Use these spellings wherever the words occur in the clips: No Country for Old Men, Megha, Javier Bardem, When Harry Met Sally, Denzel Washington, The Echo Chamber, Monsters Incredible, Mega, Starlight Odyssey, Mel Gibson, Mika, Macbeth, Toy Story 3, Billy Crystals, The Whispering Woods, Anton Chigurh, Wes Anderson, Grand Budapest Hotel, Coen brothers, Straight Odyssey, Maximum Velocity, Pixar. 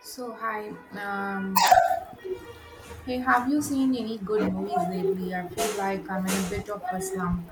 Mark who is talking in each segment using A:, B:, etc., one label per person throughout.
A: So hi, hey, have you seen any good movies lately? I feel like I'm in a bit of a slump.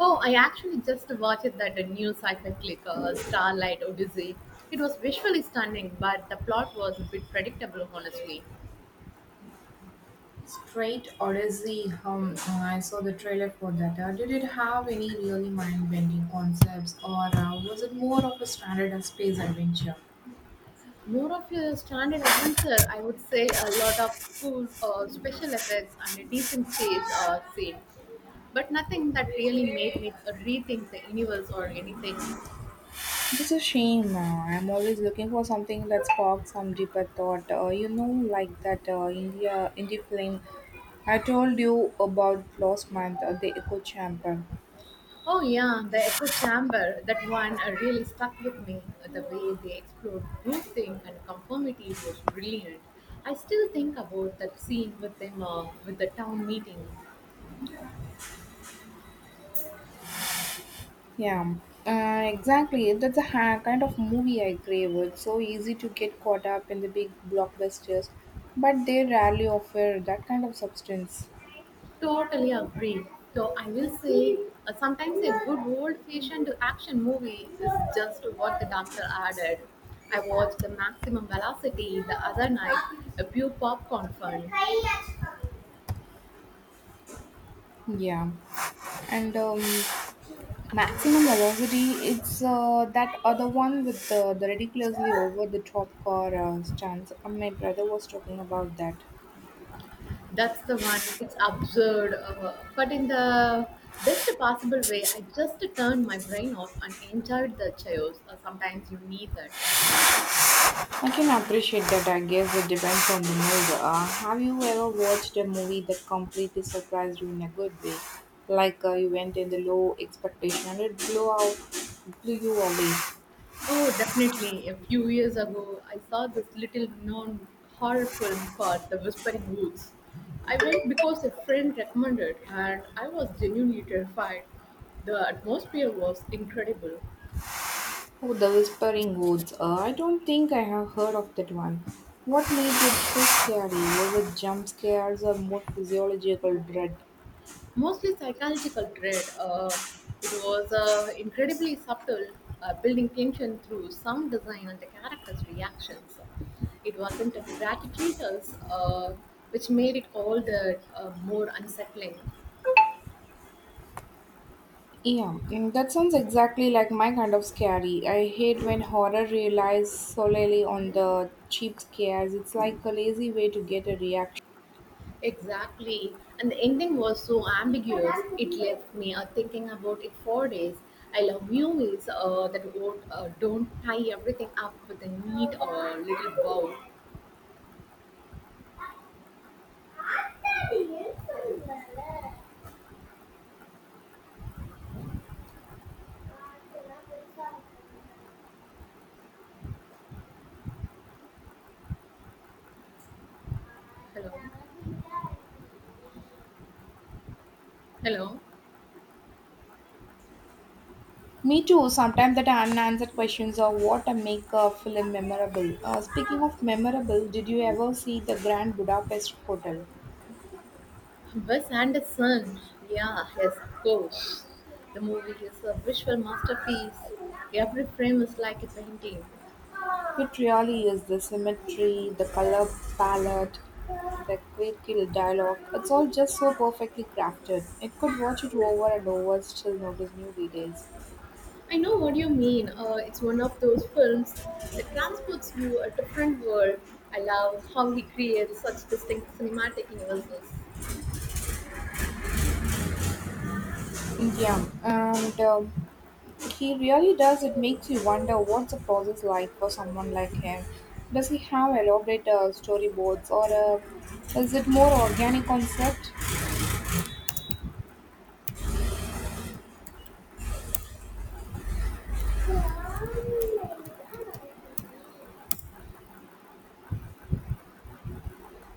B: Oh, I actually just watched that new sci-fi click, Starlight Odyssey. It was visually stunning, but the plot was a bit predictable, honestly.
A: Straight Odyssey, I saw the trailer for that. Did it have any really mind-bending concepts, or was it more of a standard space adventure?
B: More of a standard adventure, I would say. A lot of cool special effects and a decent chase scene, but nothing that really made me rethink the universe or anything.
A: It's a shame. I'm always looking for something that sparks some deeper thought. Like that India indie film I told you about last month, The Echo Chamber.
B: Oh yeah, the echo chamber. That one really stuck with me. The way they explored group think and conformity was brilliant. I still think about that scene with them with the town meeting.
A: Yeah, exactly. That's kind of movie I crave. It's so easy to get caught up in the big blockbusters, but they rarely offer that kind of substance.
B: Totally agree. So I will say, sometimes a good old-fashioned action movie is just what the doctor added. I watched the Maximum Velocity the other night. A pure popcorn fun.
A: Yeah, and Maximum Velocity, it's that other one with the ridiculously over the top car stunts. My brother was talking about that.
B: That's the one. It's absurd, but in the best possible way. I just turned my brain off and enjoyed the chaos. Sometimes you need that.
A: I can appreciate that. I guess it depends on the mood. Have you ever watched a movie that completely surprised you in a good way? Like you went in the low expectation and blew you away.
B: Oh, definitely. A few years ago, I saw this little known horror film called The Whispering Woods. I went because a friend recommended, and I was genuinely terrified. The atmosphere was incredible.
A: Oh, The Whispering Woods. I don't think I have heard of that one. What made it so scary? Was it jump scares or more physiological dread?
B: Mostly psychological dread. It was incredibly subtle, building tension through sound design and the characters' reactions. It wasn't a gratuitous, which made it all the more unsettling.
A: Yeah, that sounds exactly like my kind of scary. I hate when horror relies solely on the cheap scares. It's like a lazy way to get a reaction.
B: Exactly, and the ending was so ambiguous. It left me thinking about it for days. I love movies that won't, don't tie everything up with a neat little bow. Hello. Hello,
A: Me too. Sometimes that unanswered questions are what make a film memorable. Speaking of memorable, did you ever see the Grand Budapest Hotel?
B: Wes Anderson. Yeah, yes, of course. The movie is a visual masterpiece. Every frame is like a painting.
A: It really is the symmetry, the color palette, the quick dialogue. It's all just so perfectly crafted. It could watch it over and over, still notice new details.
B: I know what you mean. It's one of those films that transports you a different world. I love how he creates such distinct cinematic universes.
A: Yeah, and he really does. It makes you wonder what's the process like for someone like him. Does he have elaborate storyboards or is it more organic concept?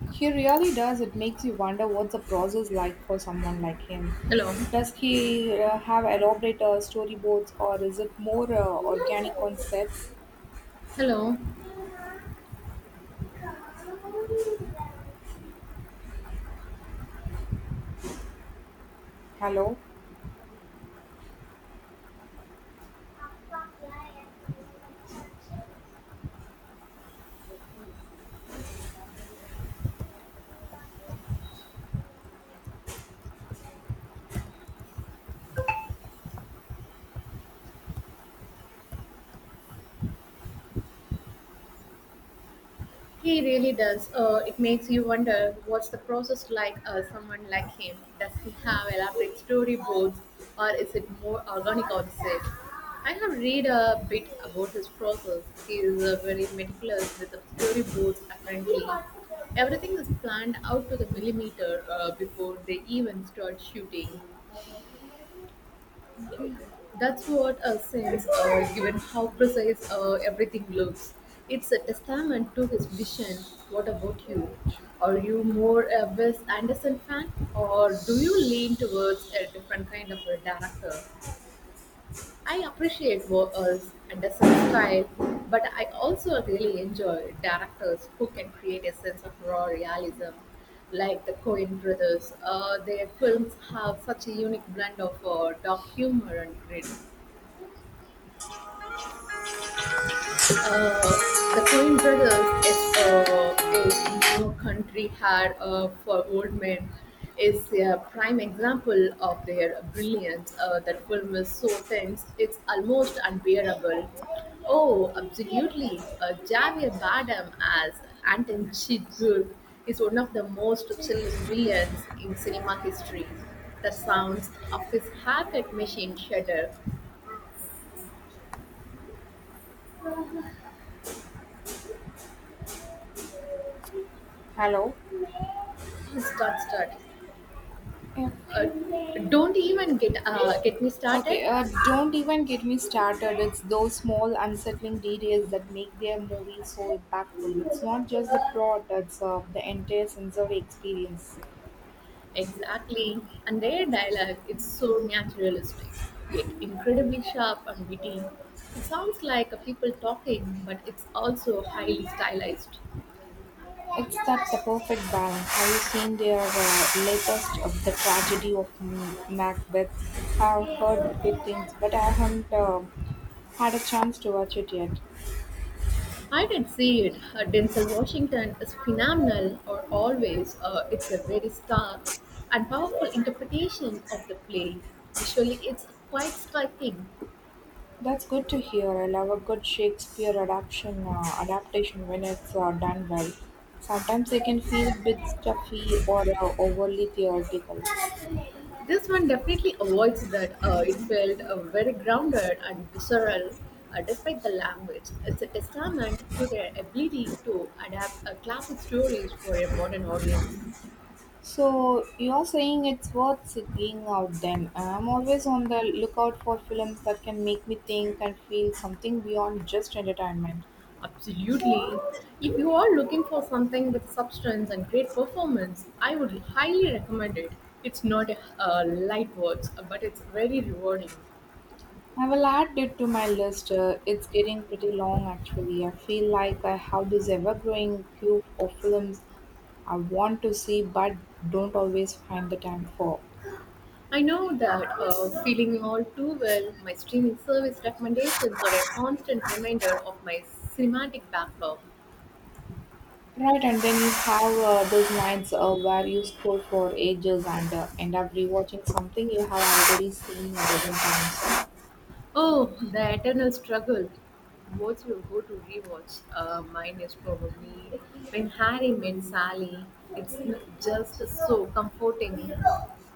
A: He really does. It makes you wonder what's the process like for someone like him.
B: Hello,
A: Does he have elaborate storyboards or is it more organic concept?
B: hello.
A: Hello.
B: He really does. It makes you wonder what's the process like someone like him? Does he have elaborate storyboards or is it more organic or safe? I have read a bit about his process. He is very meticulous with the storyboards apparently. Everything is planned out to the millimeter before they even start shooting.
A: Okay.
B: That's what a sense, given how precise everything looks. It's a testament to his vision. What about you? Are you more a Wes Anderson fan, or do you lean towards a different kind of a director? I appreciate Anderson's style, but I also really enjoy directors who can create a sense of raw realism, like the Coen brothers. Their films have such a unique blend of dark humor and grit. Uh, the Coen brothers is No Country Had for Old Men is a prime example of their brilliance. That film is so tense, it's almost unbearable. Oh, absolutely. Javier Bardem as Anton Chigurh is one of the most chilling villains in cinema history. The sounds of his haircut machine shudder.
A: Hello.
B: Ah, start.
A: Yeah.
B: Uh, don't even get me started.
A: Okay, don't even get me started. It's those small, unsettling details that make their movies so impactful. It's not just the plot, it's the entire sensory experience.
B: Exactly, and their dialogue it's so naturalistic, yet incredibly sharp and witty. It sounds like a people talking, but it's also highly stylized.
A: It's that the perfect balance. Have you seen their latest of the tragedy of Macbeth? I've heard good things, but I haven't had a chance to watch it yet.
B: I did see it. Denzel Washington is phenomenal, or always. It's a very stark and powerful interpretation of the play. Visually, it's quite striking.
A: That's good to hear. I love a good Shakespeare adaptation when it's done well. Sometimes they can feel a bit stuffy or overly theoretical.
B: This one definitely avoids that. It felt very grounded and visceral, despite the language. It's a testament to their ability to adapt classic stories for a modern audience.
A: So you're saying it's worth seeking out then. I'm always on the lookout for films that can make me think and feel something beyond just entertainment.
B: Absolutely. If you are looking for something with substance and great performance, I would highly recommend it. It's not a light words, but it's very rewarding.
A: I will add it to my list. It's getting pretty long actually. I feel like I have this ever growing queue of films I want to see but don't always find the time for.
B: I know that feeling all too well. My streaming service recommendations are a constant reminder of my cinematic backlog.
A: Right, and then you have those nights where you scroll for ages and end up rewatching something you have already seen a dozen times.
B: Oh, the eternal struggle. What's your go to rewatch? Mine is probably When Harry Met Sally. It's just so comforting.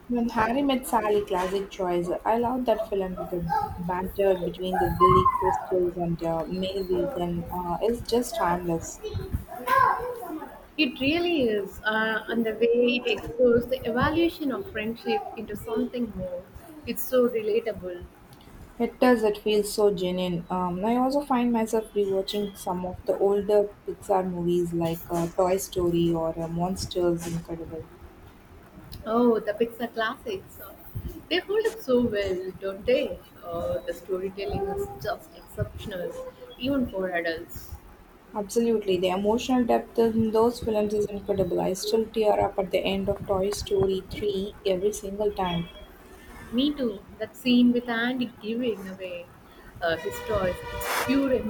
A: When Harry Met Sally, classic choice. I love that film. The banter between the Billy Crystals and Mel Gibson is just timeless.
B: It really is, and the way it explores the evolution of friendship into something more. It's so relatable.
A: It does, it feels so genuine. I also find myself rewatching some of the older Pixar movies like Toy Story or Monsters Incredible.
B: Oh, the Pixar classics. They hold up so well, don't they? The storytelling is just exceptional, even for adults.
A: Absolutely, the emotional depth in those films is incredible. I still tear up at the end of Toy Story 3 every single time.
B: Me too. That scene with Andy giving away his toys, it's pure